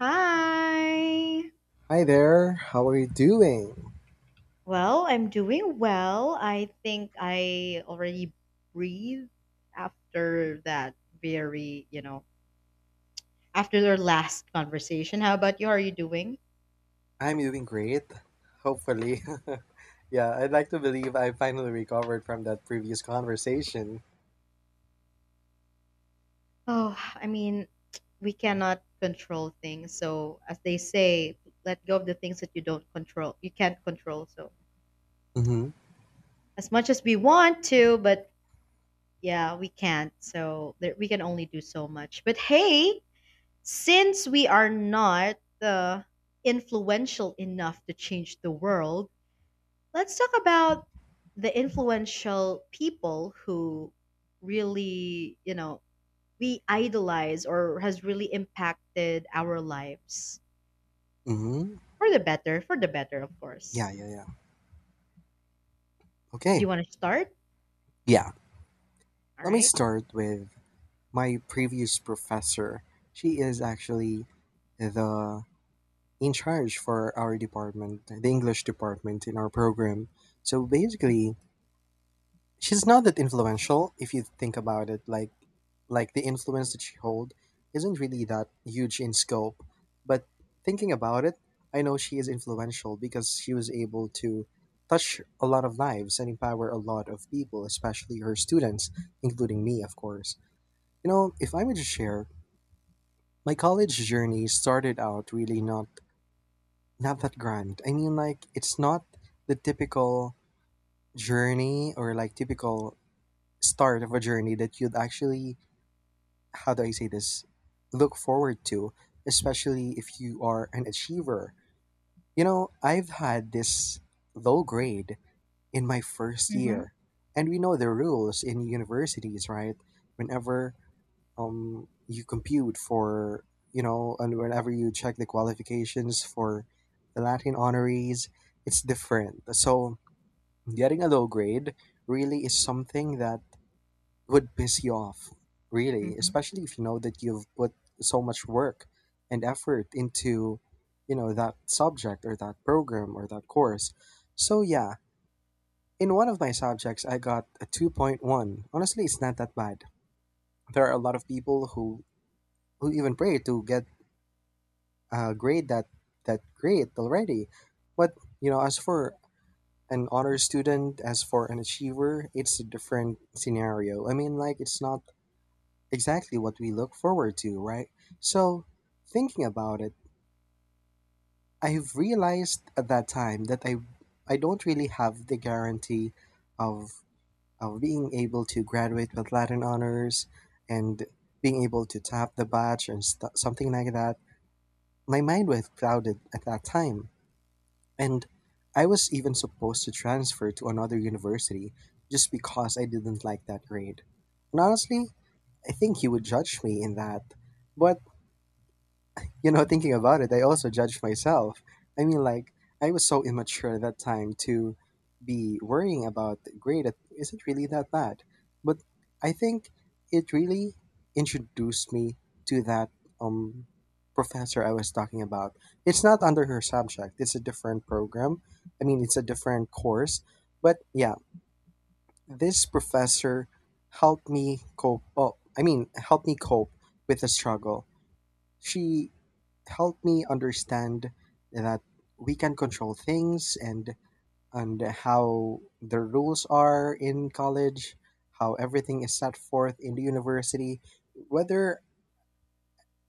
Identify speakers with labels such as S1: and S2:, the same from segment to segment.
S1: Hi.
S2: Hi there. How are you doing?
S1: Well, I'm doing well. I think I already breathed after that very, you know, after their last conversation. How about you? How are you doing?
S2: I'm doing great. Hopefully. Yeah, I'd like to believe I finally recovered from that previous conversation.
S1: Oh, I mean, we cannot control things. So, as they say, let go of the things that you don't control. You can't control. So,
S2: Mhm.
S1: as much as we want to, but yeah, we can't. So, there, we can only do so much. But hey, since we are not influential enough to change the world, let's talk about the influential people who really, you know, we idolize or has really impacted our lives
S2: Mhm.
S1: for the better, of course.
S2: Yeah, yeah, yeah.
S1: Do you
S2: Okay.
S1: want to start?
S2: Yeah.
S1: All
S2: Let me
S1: right.
S2: start with my previous professor. She is actually the in charge for our department, the English department in our program. So basically, she's not that influential if you think about it, like the influence that she hold isn't really that huge in scope. But thinking about it, I know she is influential because she was able to touch a lot of lives and empower a lot of people, especially her students, including me, of course. You know, if I were to share, my college journey started out really not that grand. I mean, like, it's not the typical journey or like typical start of a journey that you'd actually, how do I say this, look forward to, especially if you are an achiever. You know, I've had this low grade in my first
S1: Mm-hmm.
S2: year, and we know the rules in universities, right? Whenever you compute for, and whenever you check the qualifications for the Latin honorees, it's different. So, getting a low grade really is something that would piss you off, really,
S1: Mm-hmm.
S2: especially if you know that you've put so much work and effort into, that subject or that program or that course. So yeah, in one of my subjects I got a 2.1. Honestly, it's not that bad. There are a lot of people who even pray to get a grade that great already. But, as for an honor student, as for an achiever, it's a different scenario. I mean, like, it's not exactly what we look forward to, right? So, thinking about it, I've realized at that time that I don't really have the guarantee of of being able to graduate with Latin honors and being able to top the batch and something like that. My mind was clouded at that time, and I was even supposed to transfer to another university just because I didn't like that grade. And honestly, I think he would judge me in that, but, you know, thinking about it, I also judged myself. I mean, like, I was so immature at that time to be worrying about the grade. It isn't really that bad. But I think it really introduced me to that, um, professor I was talking about. It's not under her subject. It's a different program. I mean, it's a different course. But yeah, this professor helped me cope. Oh, I mean, helped me cope with the struggle. She helped me understand that we can control things, and how the rules are in college, how everything is set forth in the university, whether,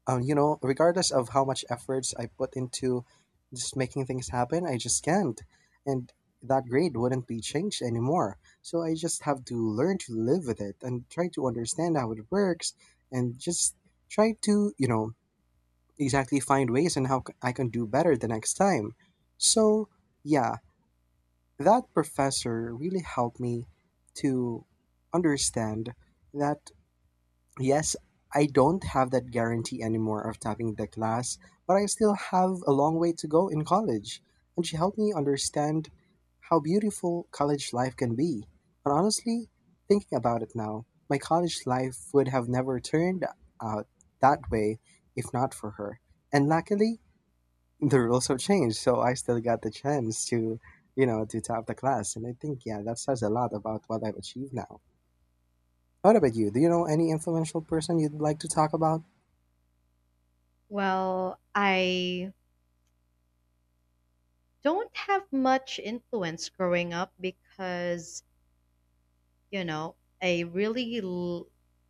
S2: you know, regardless of how much efforts I put into just making things happen, I just can't. And that grade wouldn't be changed anymore. So I just have to learn to live with it and try to understand how it works, and just try to, you know, exactly find ways and I can do better the next time. So, yeah, that professor really helped me to understand that, yes, I don't have that guarantee anymore of topping the class, but I still have a long way to go in college. And she helped me understand how beautiful college life can be. And honestly, thinking about it now, my college life would have never turned out that way if not for her. And luckily, the rules have changed, so I still got the chance to, you know, to top the class. And I think, yeah, that says a lot about what I've achieved now. What about you? Do you know any influential person you'd like to talk about?
S1: Well, I don't have much influence growing up because you know, I really l-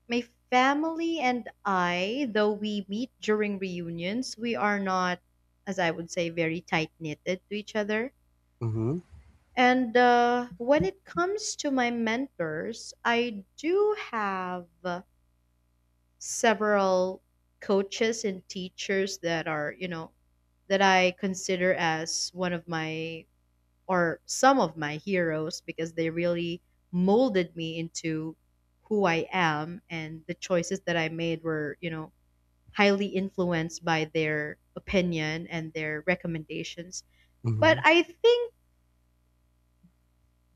S1: my family and I, though we meet during reunions, we are not, as I would say, very tight knitted to each other.
S2: Mm-hmm.
S1: And when it comes to my mentors, I do have several coaches and teachers that are, that I consider as one of my or some of my heroes because they really molded me into who I am, and the choices that I made were, highly influenced by their opinion and their recommendations. But
S2: Mm-hmm.
S1: I think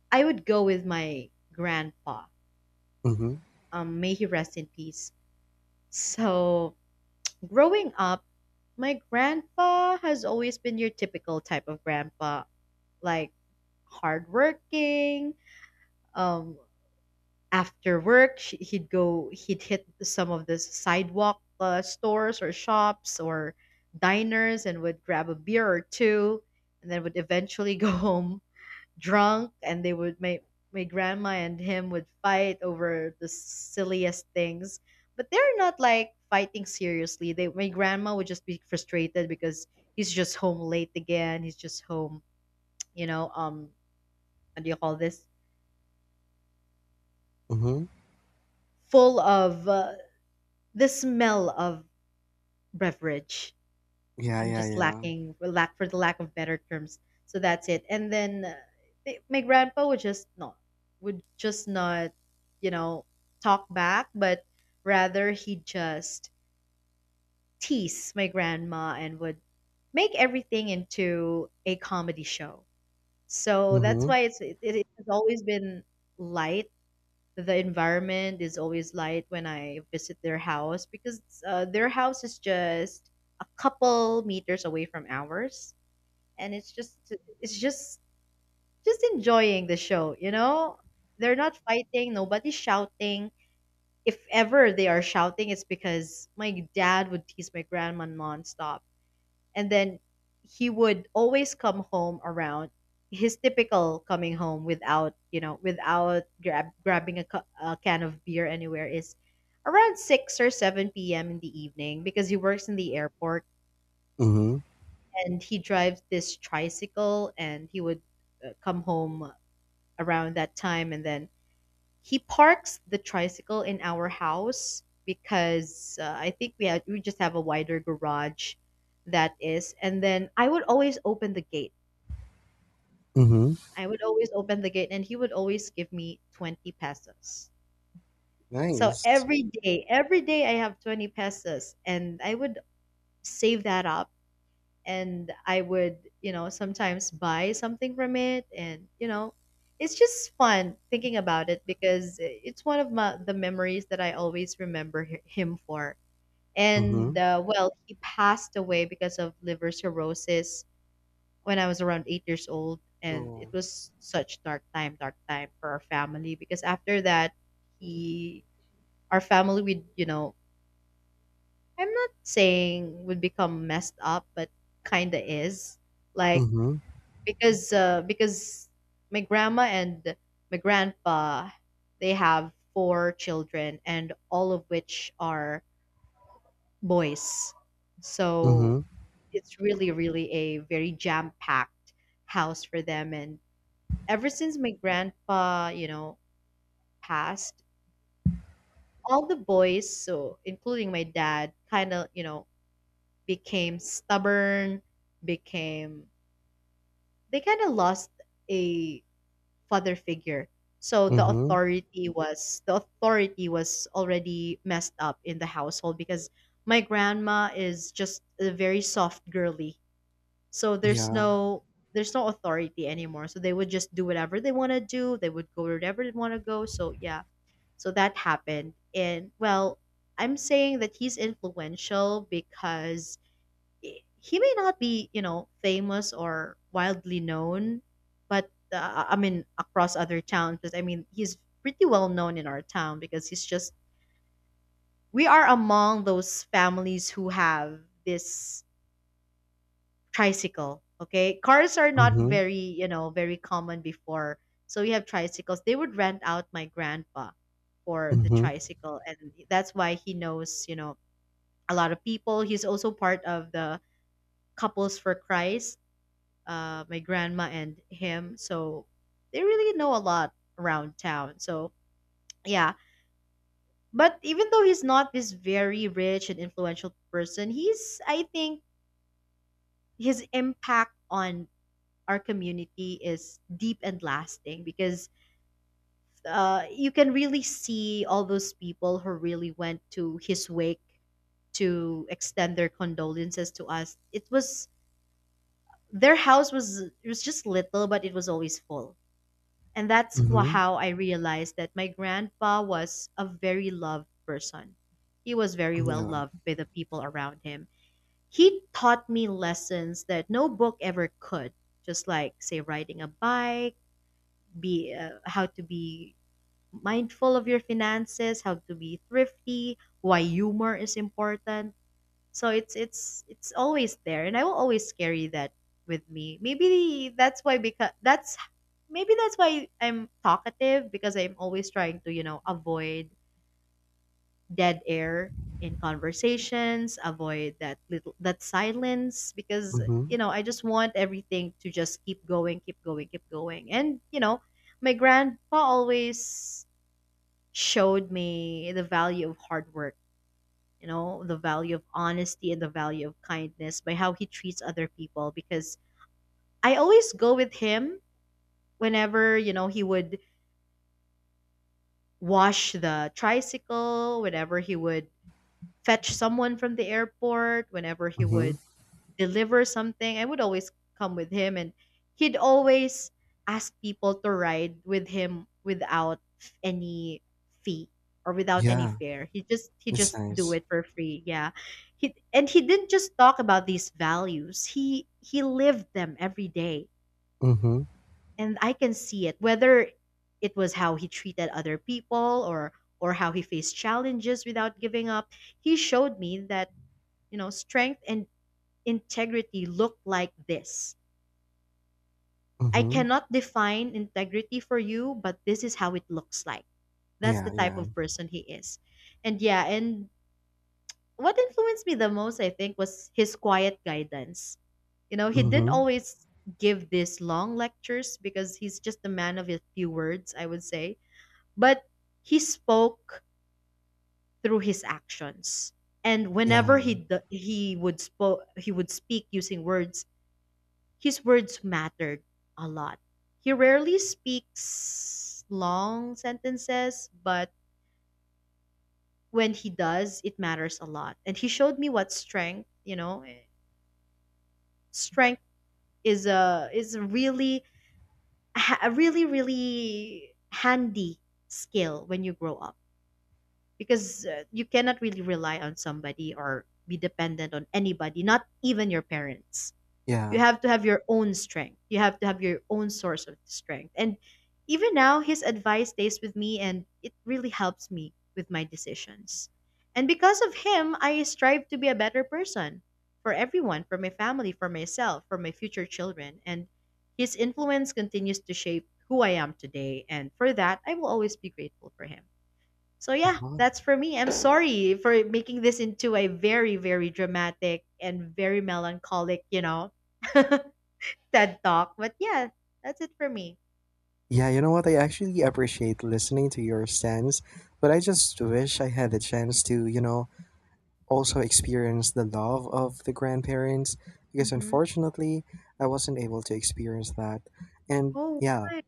S1: I would go with my grandpa.
S2: Mm-hmm.
S1: May he rest in peace. So, growing up, my grandpa has always been your typical type of grandpa, like hardworking, um, after work sh he'd go he'd hit some of the sidewalk stores or shops or diners and would grab a beer or two and then would eventually go home drunk, and they would my my grandma and him would fight over the silliest things, but they're not like fighting seriously. They My grandma would just be frustrated because he's just home late again he's just home you know um what do you call this,
S2: Mm-hmm.
S1: full of the smell of beverage.
S2: Yeah,
S1: I'm
S2: yeah,
S1: just
S2: yeah.
S1: lacking for lack for the lack of better terms. So that's it. And then my grandpa would just not, you know, talk back, but rather he just tease my grandma and would make everything into a comedy show. So that's
S2: Mm-hmm.
S1: why it has always been light. The environment is always light when I visit their house because their house is just a couple meters away from ours, and it's just enjoying the show. You know, they're not fighting, nobody's shouting. If ever they are shouting, it's because my dad would tease my grandma nonstop. And then he would always come home around, his typical coming home without, you know, without grabbing a can of beer anywhere, is around 6 or 7 p.m. in the evening, because he works in the airport
S2: Mm-hmm.
S1: and he drives this tricycle. And he would come home around that time, and then he parks the tricycle in our house because I think we had we just have a wider garage that is and then
S2: Mm-hmm.
S1: I would always open the gate, and he would always give me 20 pesos. So
S2: Nice.
S1: every day I have 20 pesos and I would save that up, and I would, you know, sometimes buy something from it. And, you know, it's just fun thinking about it because it's one of the memories that I always remember him for.
S2: Mm-hmm.
S1: And well, he passed away because of liver cirrhosis when I was around 8 years old, and it
S2: Oh.
S1: was such dark time for our family. Because after that, he, our family would, you know, I'm not saying would become messed up, but kinda is, like,
S2: Mm-hmm.
S1: because my grandma and my grandpa, they have 4 children and all of which are boys, so
S2: Mm-hmm.
S1: it's really really a very jam packed house for them. And ever since my grandpa, you know, passed, all the boys, so including my dad, kind of, you know, became stubborn, became, they kind of lost a father figure. So
S2: Mm-hmm.
S1: the authority was already messed up in the household because my grandma is just a very soft girly. So
S2: Yeah.
S1: there's no authority anymore. So they would just do whatever they want to do. They would go wherever they want to go. So yeah, so that happened. And well, I'm saying that he's influential because he may not be, you know, famous or wildly known, but I mean, across other towns. Because I mean, he's pretty well known in our town because he's just, we are among those families who have this tricycle. Okay, cars are not
S2: Mm-hmm.
S1: very, you know, very common before, so we have tricycles. They would rent out my grandpa for the
S2: Mm-hmm.
S1: tricycle, and that's why he knows, you know, a lot of people. He's also part of the Couples for Christ. My grandma and him, so they really know a lot around town. So yeah, but even though he's not this very rich and influential person, he's, I think, his impact on our community is deep and lasting because, you can really see all those people who really went to his wake to extend their condolences to us. It was their house, was it was just little, but it was always full, and that's
S2: Mm-hmm.
S1: how I realized that my grandpa was a very loved person. He was very well
S2: Yeah.
S1: loved by the people around him. He taught me lessons that no book ever could, just like, say, riding a bike, be how to be mindful of your finances, how to be thrifty, why humor is important. So it's always there, and I will always carry that with me. Maybe that's why, because that's why I'm talkative, because I'm always trying to, you know, avoid dead air in conversations, avoid that silence. Because
S2: Mm-hmm.
S1: you know, I just want everything to just keep going, keep going, keep going. And you know, my grandpa always showed me the value of hard work, you know, the value of honesty and the value of kindness by how he treats other people. Because I always go with him whenever, you know, he would wash the tricycle, whenever he would fetch someone from the airport, whenever he
S2: Mm-hmm.
S1: would deliver something, I would always come with him. And he'd always ask people to ride with him without any fee or without any
S2: Yeah.
S1: fare. He
S2: That's
S1: just do
S2: nice.
S1: it for free. Yeah. He didn't just talk about these values. He lived them every day.
S2: Mm-hmm.
S1: And I can see it, whether it was how he treated other people or how he faced challenges without giving up. He showed me that, you know, strength and integrity look like this? I
S2: Mm-hmm.
S1: cannot define integrity for you, but this is how it looks like. That's the
S2: Yeah,
S1: type
S2: yeah.
S1: of person he is. And yeah, and what influenced me the most, I think, was his quiet guidance. You know, he didn't
S2: Mm-hmm.
S1: always give these long lectures, because he's just a man of a few words, I would say. But he spoke through his actions. And whenever
S2: Yeah.
S1: he d- he would spoke he would speak using words, his words mattered a lot. He rarely speaks long sentences, but when he does, it matters a lot. And he showed me what strength, you know, eh, strength is a really really handy skill when you grow up, because you cannot really rely on somebody or be dependent on anybody, not even your parents. You
S2: Yeah.
S1: have to have your own strength. You have to have your own source of strength. And even now, his advice stays with me and it really helps me with my decisions. And because of him, I strive to be a better person for everyone, for my family, for myself, for my future children. And his influence continues to shape who I am today. And for that, I will always be grateful for him. So yeah,
S2: Uh-huh.
S1: that's for me. I'm sorry for making this into a very, very dramatic and very melancholic, you know, TED Talk. But yeah, that's it for me.
S2: Yeah, you know what? I actually appreciate listening to your stance, but I just wish I had the chance to, also experience the love of the grandparents because,
S1: Hmm.
S2: unfortunately, I wasn't able to experience that. And
S1: Oh,
S2: yeah,
S1: why?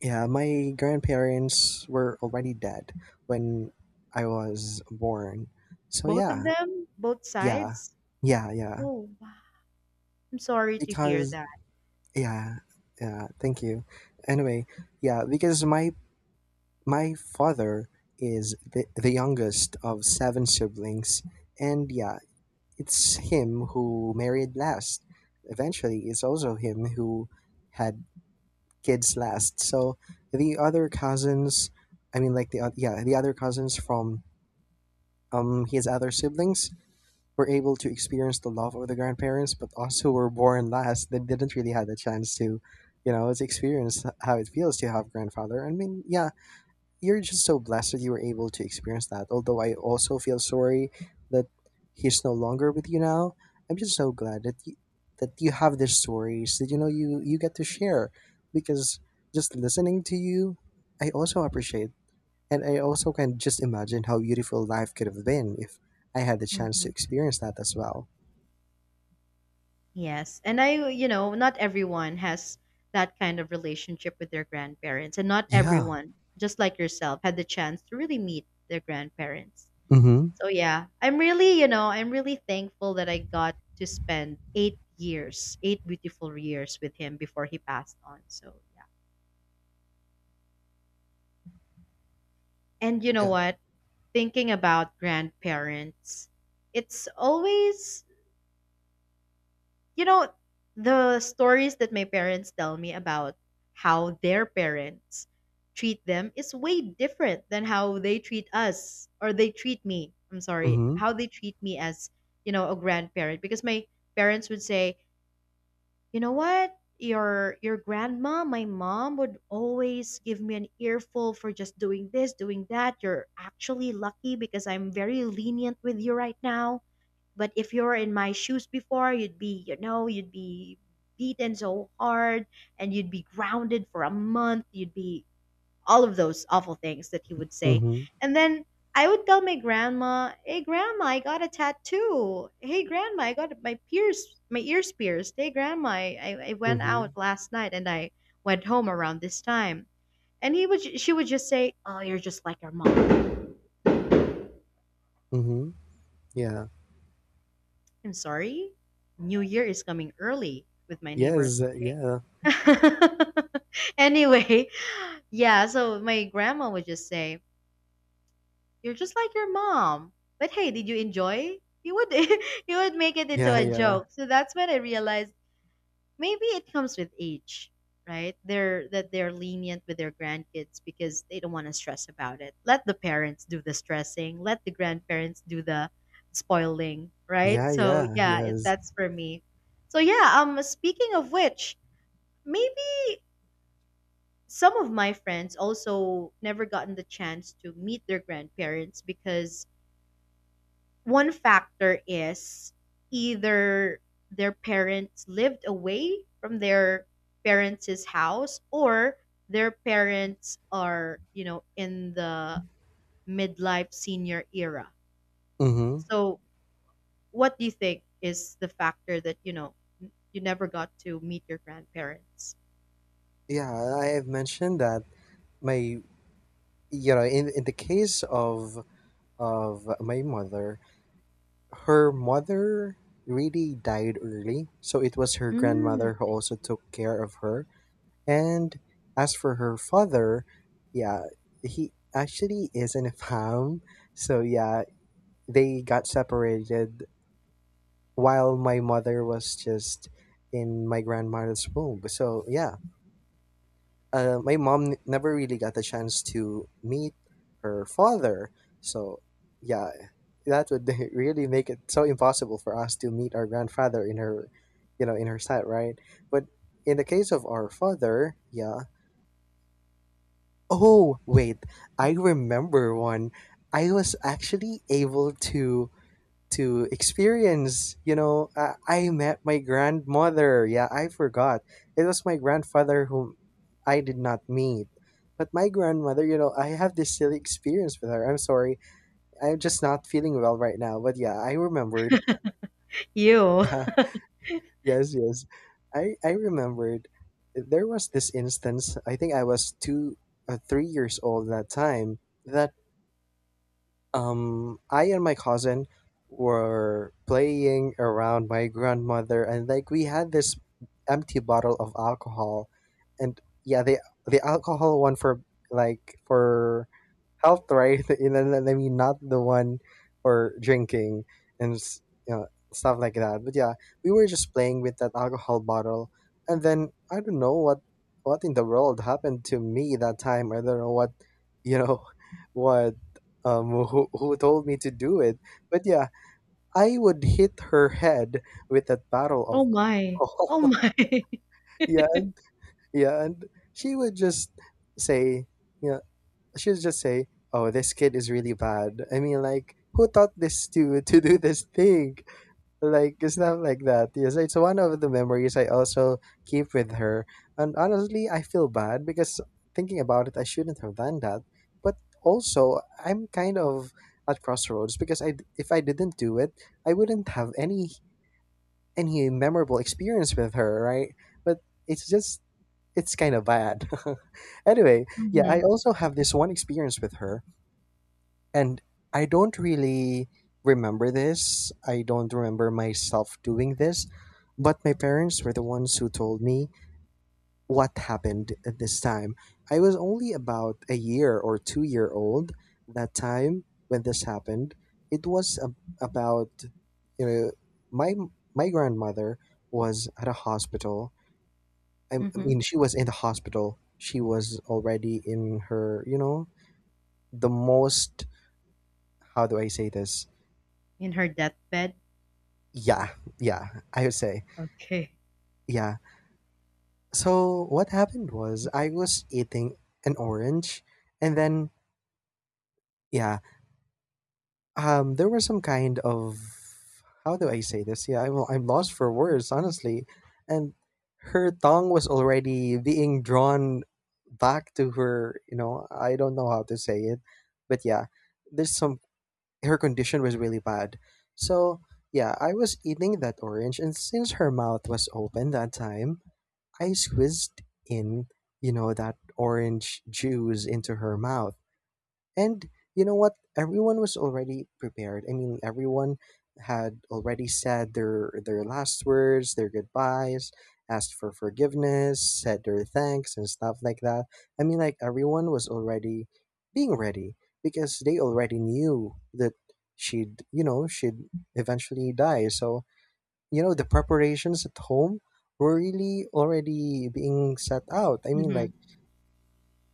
S2: yeah, my grandparents were already dead when I was born. So
S1: Both of
S2: yeah,
S1: them, both
S2: yeah,
S1: sides.
S2: yeah, yeah.
S1: Oh, wow. I'm sorry to hear
S2: Because,
S1: that.
S2: yeah, yeah, thank you. Anyway, yeah, because My father is the youngest of seven siblings, and yeah, it's him who married last. Eventually, it's also him who had kids last. So the other cousins, I mean, like yeah, the other cousins from his other siblings were able to experience the love of the grandparents, but also were born last. They didn't really have the chance to, to experience how it feels to have grandfather. I mean, yeah, you're just so blessed that you were able to experience that. Although I also feel sorry that he's no longer with you now. I'm just so glad that that you have these stories that you get to share because, just listening to you, I also appreciate, and I also can just imagine how beautiful life could have been if I had the chance to
S1: Hmm.
S2: experience that as well.
S1: Yes, and I, you know, not everyone has that kind of relationship with their grandparents, and not
S2: Yeah.
S1: everyone, just like yourself, had the chance to really meet their grandparents.
S2: Mm-hmm.
S1: So yeah, I'm really, you know, I'm really thankful that I got to spend 8 years, eight beautiful years with him before he passed on. So yeah. And you know
S2: Yeah.
S1: what? Thinking about grandparents, it's always, you know, the stories that my parents tell me about how their parents treat them is way different than how they treat us or they treat me. I'm sorry,
S2: Mm-hmm.
S1: how they treat me as, you know, a grandparent. Because my parents would say, you know what? Your grandma, my mom would always give me an earful for just doing this, doing that. You're actually lucky because I'm very lenient with you right now. But if you were in my shoes before, you'd be beaten so hard and you'd be grounded for a month. You'd be all of those awful things that he would say.
S2: Mm-hmm.
S1: And then I would tell my grandma, "Hey grandma, I got a tattoo. Hey grandma, I got my pierce my ears pierced. Hey grandma, I went
S2: Mm-hmm.
S1: out last night and I went home around this time." And he would she would just say, "Oh, you're just like your mom."
S2: Mm-hmm. Yeah.
S1: I'm sorry. New Year is coming early with my neighbors.
S2: Yes. Yeah.
S1: anyway, yeah, so my grandma would just say, you're just like your mom. But hey, did you enjoy? You would you would make it into
S2: Yeah.
S1: a
S2: Yeah.
S1: joke. So that's when I realized maybe it comes with age, right? They're lenient with their grandkids because they don't want to stress about it. Let the parents do the stressing, let the grandparents do the spoiling, right?
S2: Yeah.
S1: So
S2: Yeah.
S1: yeah,
S2: Yes.
S1: that's for me. So yeah, speaking of which, maybe some of my friends also never gotten the chance to meet their grandparents because one factor is either their parents lived away from their parents' house or their parents are, you know, in the midlife senior era.
S2: Mm-hmm.
S1: So, what do you think is the factor that, you know, you never got to meet your grandparents?
S2: Yeah, I have mentioned that my you know in the case of my mother, her mother really died early, so it was her
S1: Mm,
S2: grandmother who
S1: I
S2: also
S1: see.
S2: took care of her. And as for her father, yeah, he actually is in a farm, so yeah, they got separated while my mother was just in my grandmother's womb. So yeah, my mom never really got a chance to meet her father. So, yeah, that would really make it so impossible for us to meet our grandfather in her side, right? But in the case of our father, yeah. Oh, wait, I remember one. I was actually able to experience. You know, I met my grandmother. Yeah, I forgot. It was my grandfather whom I did not meet. But my grandmother, I have this silly experience with her. I'm sorry. I'm just not feeling well right now. But yeah, I remembered.
S1: You.
S2: Yeah, yes, yes. I remembered there was this instance. I think I was 3 years old that time, that I and my cousin were playing around my grandmother, and, like, we had this empty bottle of alcohol, and yeah, the alcohol one for, for health, right? And then, I mean, not the one for drinking and you know stuff like that. But yeah, we were just playing with that alcohol bottle, and then I don't know what in the world happened to me that time. I don't know what you know what who told me to do it. But yeah, I would hit her head with that bottle
S1: Oh
S2: of
S1: my. Oh
S2: alcohol.
S1: my.
S2: Yeah, yeah, and she would just say, you know, say, "Oh, this kid is really bad." I mean, like, who taught this to do this thing? Like, it's not like that. Yes, it's one of the memories I also keep with her. And honestly, I feel bad because, thinking about it, I shouldn't have done that. But also, I'm kind of at crossroads because I if I didn't do it, I wouldn't have any memorable experience with her, right? But it's just it's kind of bad. Anyway, yeah,
S1: Hmm.
S2: I also have this one experience with her. And I don't really remember this. I don't remember myself doing this, but my parents were the ones who told me what happened at this time. I was only about a year or 2 year old that time when this happened. It was about, you know, my my grandmother was at a hospital. I
S1: Hmm.
S2: mean, she was in the hospital. She was already in her, you know, the most, how do I say this?
S1: In her deathbed.
S2: Yeah, yeah, I would say.
S1: Okay.
S2: Yeah. So what happened was I was eating an orange, and then, yeah, there was some kind of, how do I say this? Yeah, I'm lost for words, honestly. And her tongue was already being drawn back to her, you know, I don't know how to say it, but yeah, there's some her condition was really bad. So, yeah, I was eating that orange, and since her mouth was open that time, I squeezed in, that orange juice into her mouth. And you know what? Everyone was already prepared. I mean, everyone had already said their last words, their goodbyes, asked for forgiveness, said their thanks and stuff like that. I mean, like everyone was already being ready because they already knew that she'd, you know, she'd eventually die. So you know the preparations at home were really already being set out.
S1: Hmm.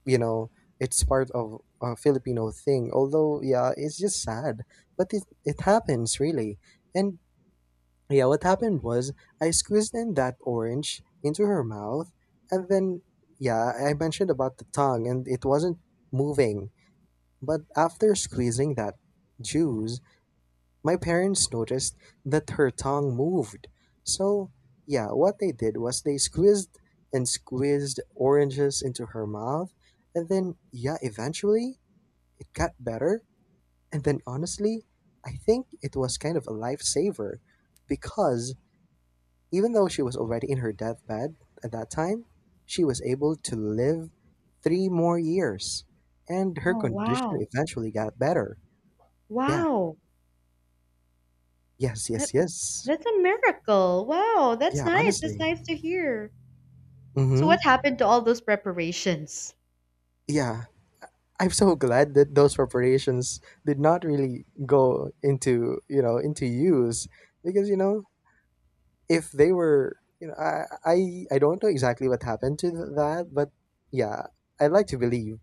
S2: You know, it's part of a Filipino thing. Although yeah, it's just sad, but it happens really. And yeah, what happened was I squeezed in that orange into her mouth. And then yeah, I mentioned about the tongue and it wasn't moving, but after squeezing that juice, my parents noticed that her tongue moved. So, yeah, what they did was they squeezed and squeezed oranges into her mouth. And then, yeah, eventually it got better. And then, honestly, I think it was kind of a lifesaver because even though she was already in her deathbed at that time, she was able to live 3 more years. And her
S1: Oh
S2: condition
S1: wow.
S2: eventually got better. Yeah,
S1: Wow,
S2: yes,
S1: that
S2: yes, yes.
S1: that's a miracle. Wow, that's
S2: Yeah,
S1: nice. That's
S2: honestly.
S1: nice to hear. So
S2: Mm-hmm.
S1: what happened to all those preparations?
S2: Yeah. I'm so glad that those preparations did not really go into, you know, into use because, you know, if they were, you know, I don't know exactly what happened to that, but yeah, I'd like to believe,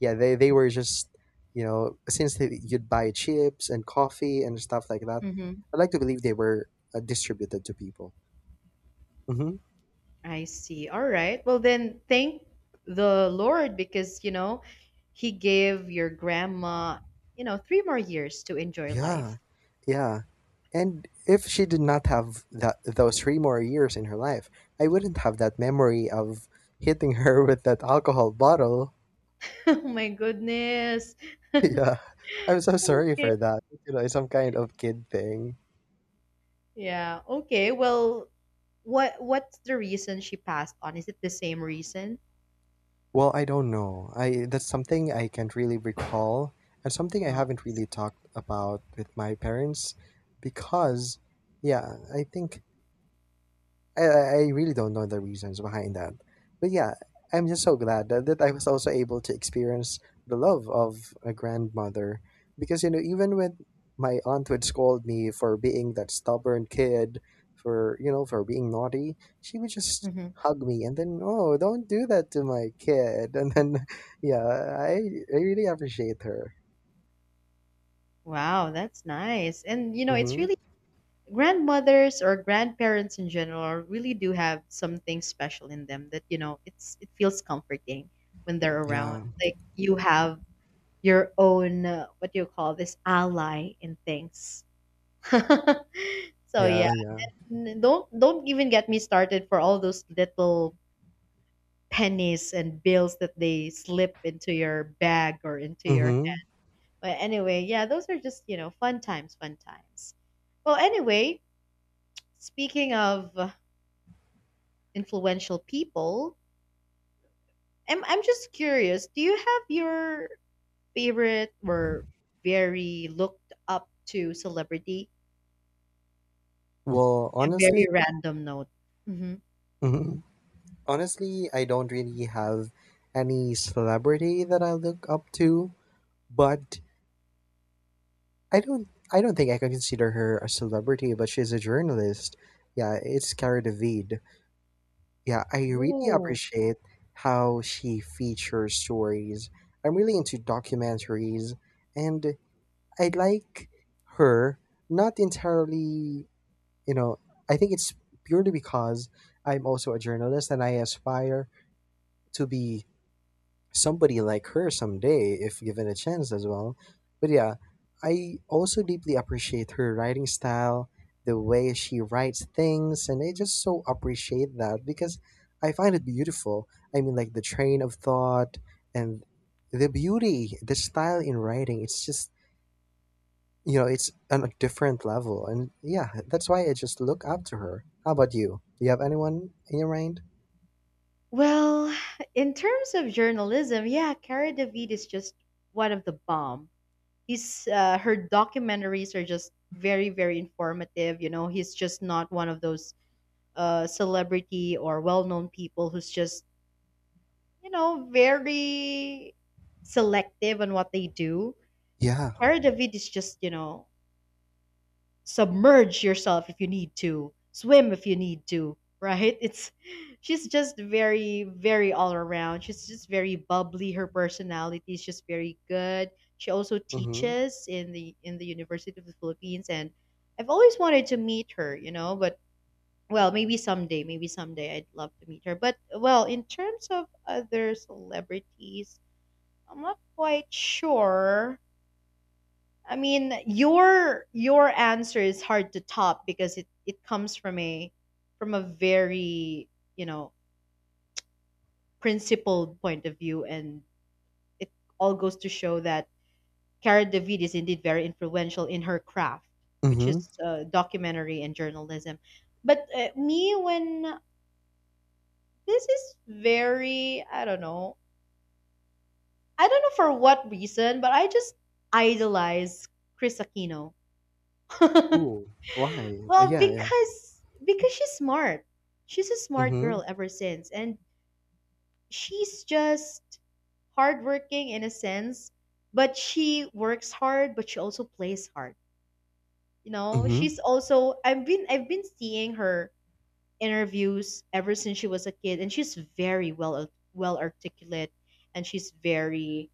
S2: yeah, they were just, you know, since they, you'd buy chips and coffee and stuff like that,
S1: Mm-hmm.
S2: I'd like to believe they were distributed to people. Hmm.
S1: I see. All right. Well, then thank the Lord because, you know, he gave your grandma, you know, three more years to enjoy
S2: Yeah,
S1: life.
S2: yeah. And if she did not have that those 3 more years in her life, I wouldn't have that memory of hitting her with that alcohol bottle.
S1: oh my goodness.
S2: Yeah, I'm so sorry
S1: Okay.
S2: for that. You know, it's some kind of kid thing.
S1: Yeah. Okay. Well, what's the reason she passed on? Is it the same reason?
S2: Well, I don't know. I That's something I can't really recall, and something I
S1: Oh, I
S2: haven't
S1: see.
S2: really talked about with my parents, because, yeah, I think I really don't know the reasons behind that. But yeah, I'm just so glad that, that I was also able to experience the love of a grandmother. Because, you know, even when my aunt would scold me for being that stubborn kid, for, you know, for being naughty, she would just
S1: Hmm.
S2: hug me and then, oh, don't do that to my kid. And then, yeah, I, I really appreciate her.
S1: Wow, that's nice. And you know, it's
S2: Mm-hmm.
S1: really grandmothers or grandparents in general really do have something special in them that you know it feels comforting when they're around,
S2: Yeah.
S1: like you have your own what do you call this, ally in things. So
S2: Yeah.
S1: yeah,
S2: Yeah.
S1: don't even get me started for all those little pennies and bills that they slip into your bag or into your
S2: Mm-hmm.
S1: hand. But anyway, yeah, those are just, you know, fun times, fun times. Well anyway, speaking of influential people. I'm just curious. Do you have your favorite or very looked up to celebrity?
S2: Well,
S1: A
S2: honestly,
S1: very random note. Hmm.
S2: mhm. Honestly, I don't really have any celebrity that I look up to, but I don't think I can consider her a celebrity, but she's a journalist. Yeah, it's Cara David. Yeah, I really
S1: Oh.
S2: appreciate how she features stories. I'm really into documentaries and I like her, not entirely, you know, I think it's purely because I'm also a journalist and I aspire to be somebody like her someday if given a chance as well. But yeah, I also deeply appreciate her writing style, the way she writes things, and I just so appreciate that because I find it beautiful. I mean, like the train of thought and the beauty, the style in writing, it's just, you know, it's on a different level. And yeah, that's why I just look up to her. How about you? Do you have anyone in your mind?
S1: Well, in terms of journalism, yeah, Cara David is just one of the bomb. He's her documentaries are just very very informative. You know, he's just not one of those celebrity or well known people who's just you know, very selective on what they do.
S2: Yeah.
S1: Cara David is just, you know, submerge yourself if you need to, swim if you need to, right? It's she's just very, very all around. She's just very bubbly. Her personality is just very good. She also
S2: Mm hmm.
S1: teaches in the University of the Philippines and I've always wanted to meet her, you know, but well, maybe someday I'd love to meet her. But well, in terms of other celebrities, I'm not quite sure. I mean, your answer is hard to top because it comes from a very, you know, principled point of view and it all goes to show that Cara David is indeed very influential in her craft,
S2: Mm
S1: which
S2: hmm.
S1: is documentary and journalism. But me when this is very, I don't know. I don't know for what reason, but I just idolize Chris Aquino.
S2: Ooh, why?
S1: Well,
S2: Yeah, yeah.
S1: because she's smart. She's a smart
S2: Mhm,
S1: girl ever since, and she's just hardworking in a sense. But she works hard, but she also plays hard. You know,
S2: mhm.
S1: she's also I've been seeing her interviews ever since she was a kid, and she's very well articulate, and she's very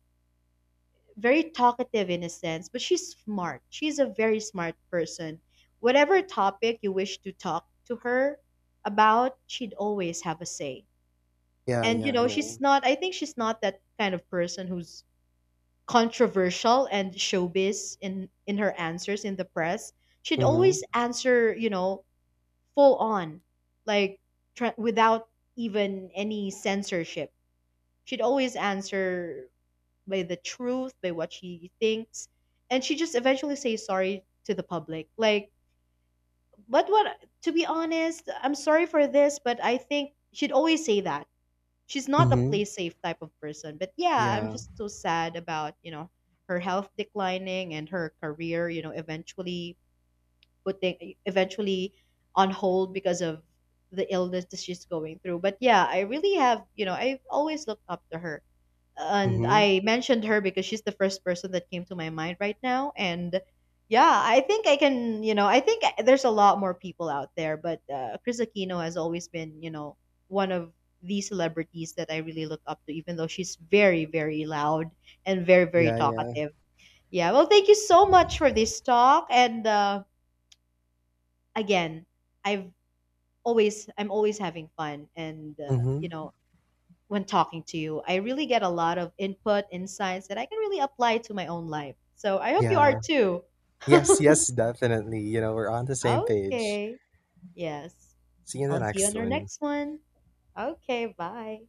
S1: very talkative in a sense, but she's smart. She's a very smart person. Whatever topic you wish to talk to her about, she'd always have a say.
S2: Yeah,
S1: And you
S2: yeah,
S1: know,
S2: yeah.
S1: she's not I think she's not that kind of person who's controversial and showbiz in her answers in the press. She'd
S2: Mhm,
S1: always answer, you know, full on, like without even any censorship. She'd always answer by the truth, by what she thinks, and she just eventually says sorry to the public. Like, but what? To be honest, I'm sorry for this, but I think she'd always say that she's not a
S2: mhm.
S1: play safe type of person. But yeah, I'm
S2: Yeah.
S1: just so sad about you know her health declining and her career, you know, eventually on hold because of the illness that she's going through. But yeah, I really have, you know, I've always looked up to her and
S2: Mhm.
S1: I mentioned her because she's the first person that came to my mind right now. And yeah, I think I can, you know, I think there's a lot more people out there, but Chris Aquino has always been, you know, one of the celebrities that I really look up to, even though she's very, very loud and very, very
S2: Yeah, yeah.
S1: talkative. Yeah, well, thank you so much for this talk. And again, I've I'm always having fun. And, you
S2: Mhm.
S1: know, when talking to you. I really get a lot of input, insights that I can really apply to my own life. So I hope you are
S2: Yeah.
S1: too.
S2: Yes, yes, definitely. You know, we're on the same page.
S1: okay. Yes.
S2: See you in the
S1: I'll see you
S2: next
S1: on our
S2: one.
S1: next one. Okay. Bye.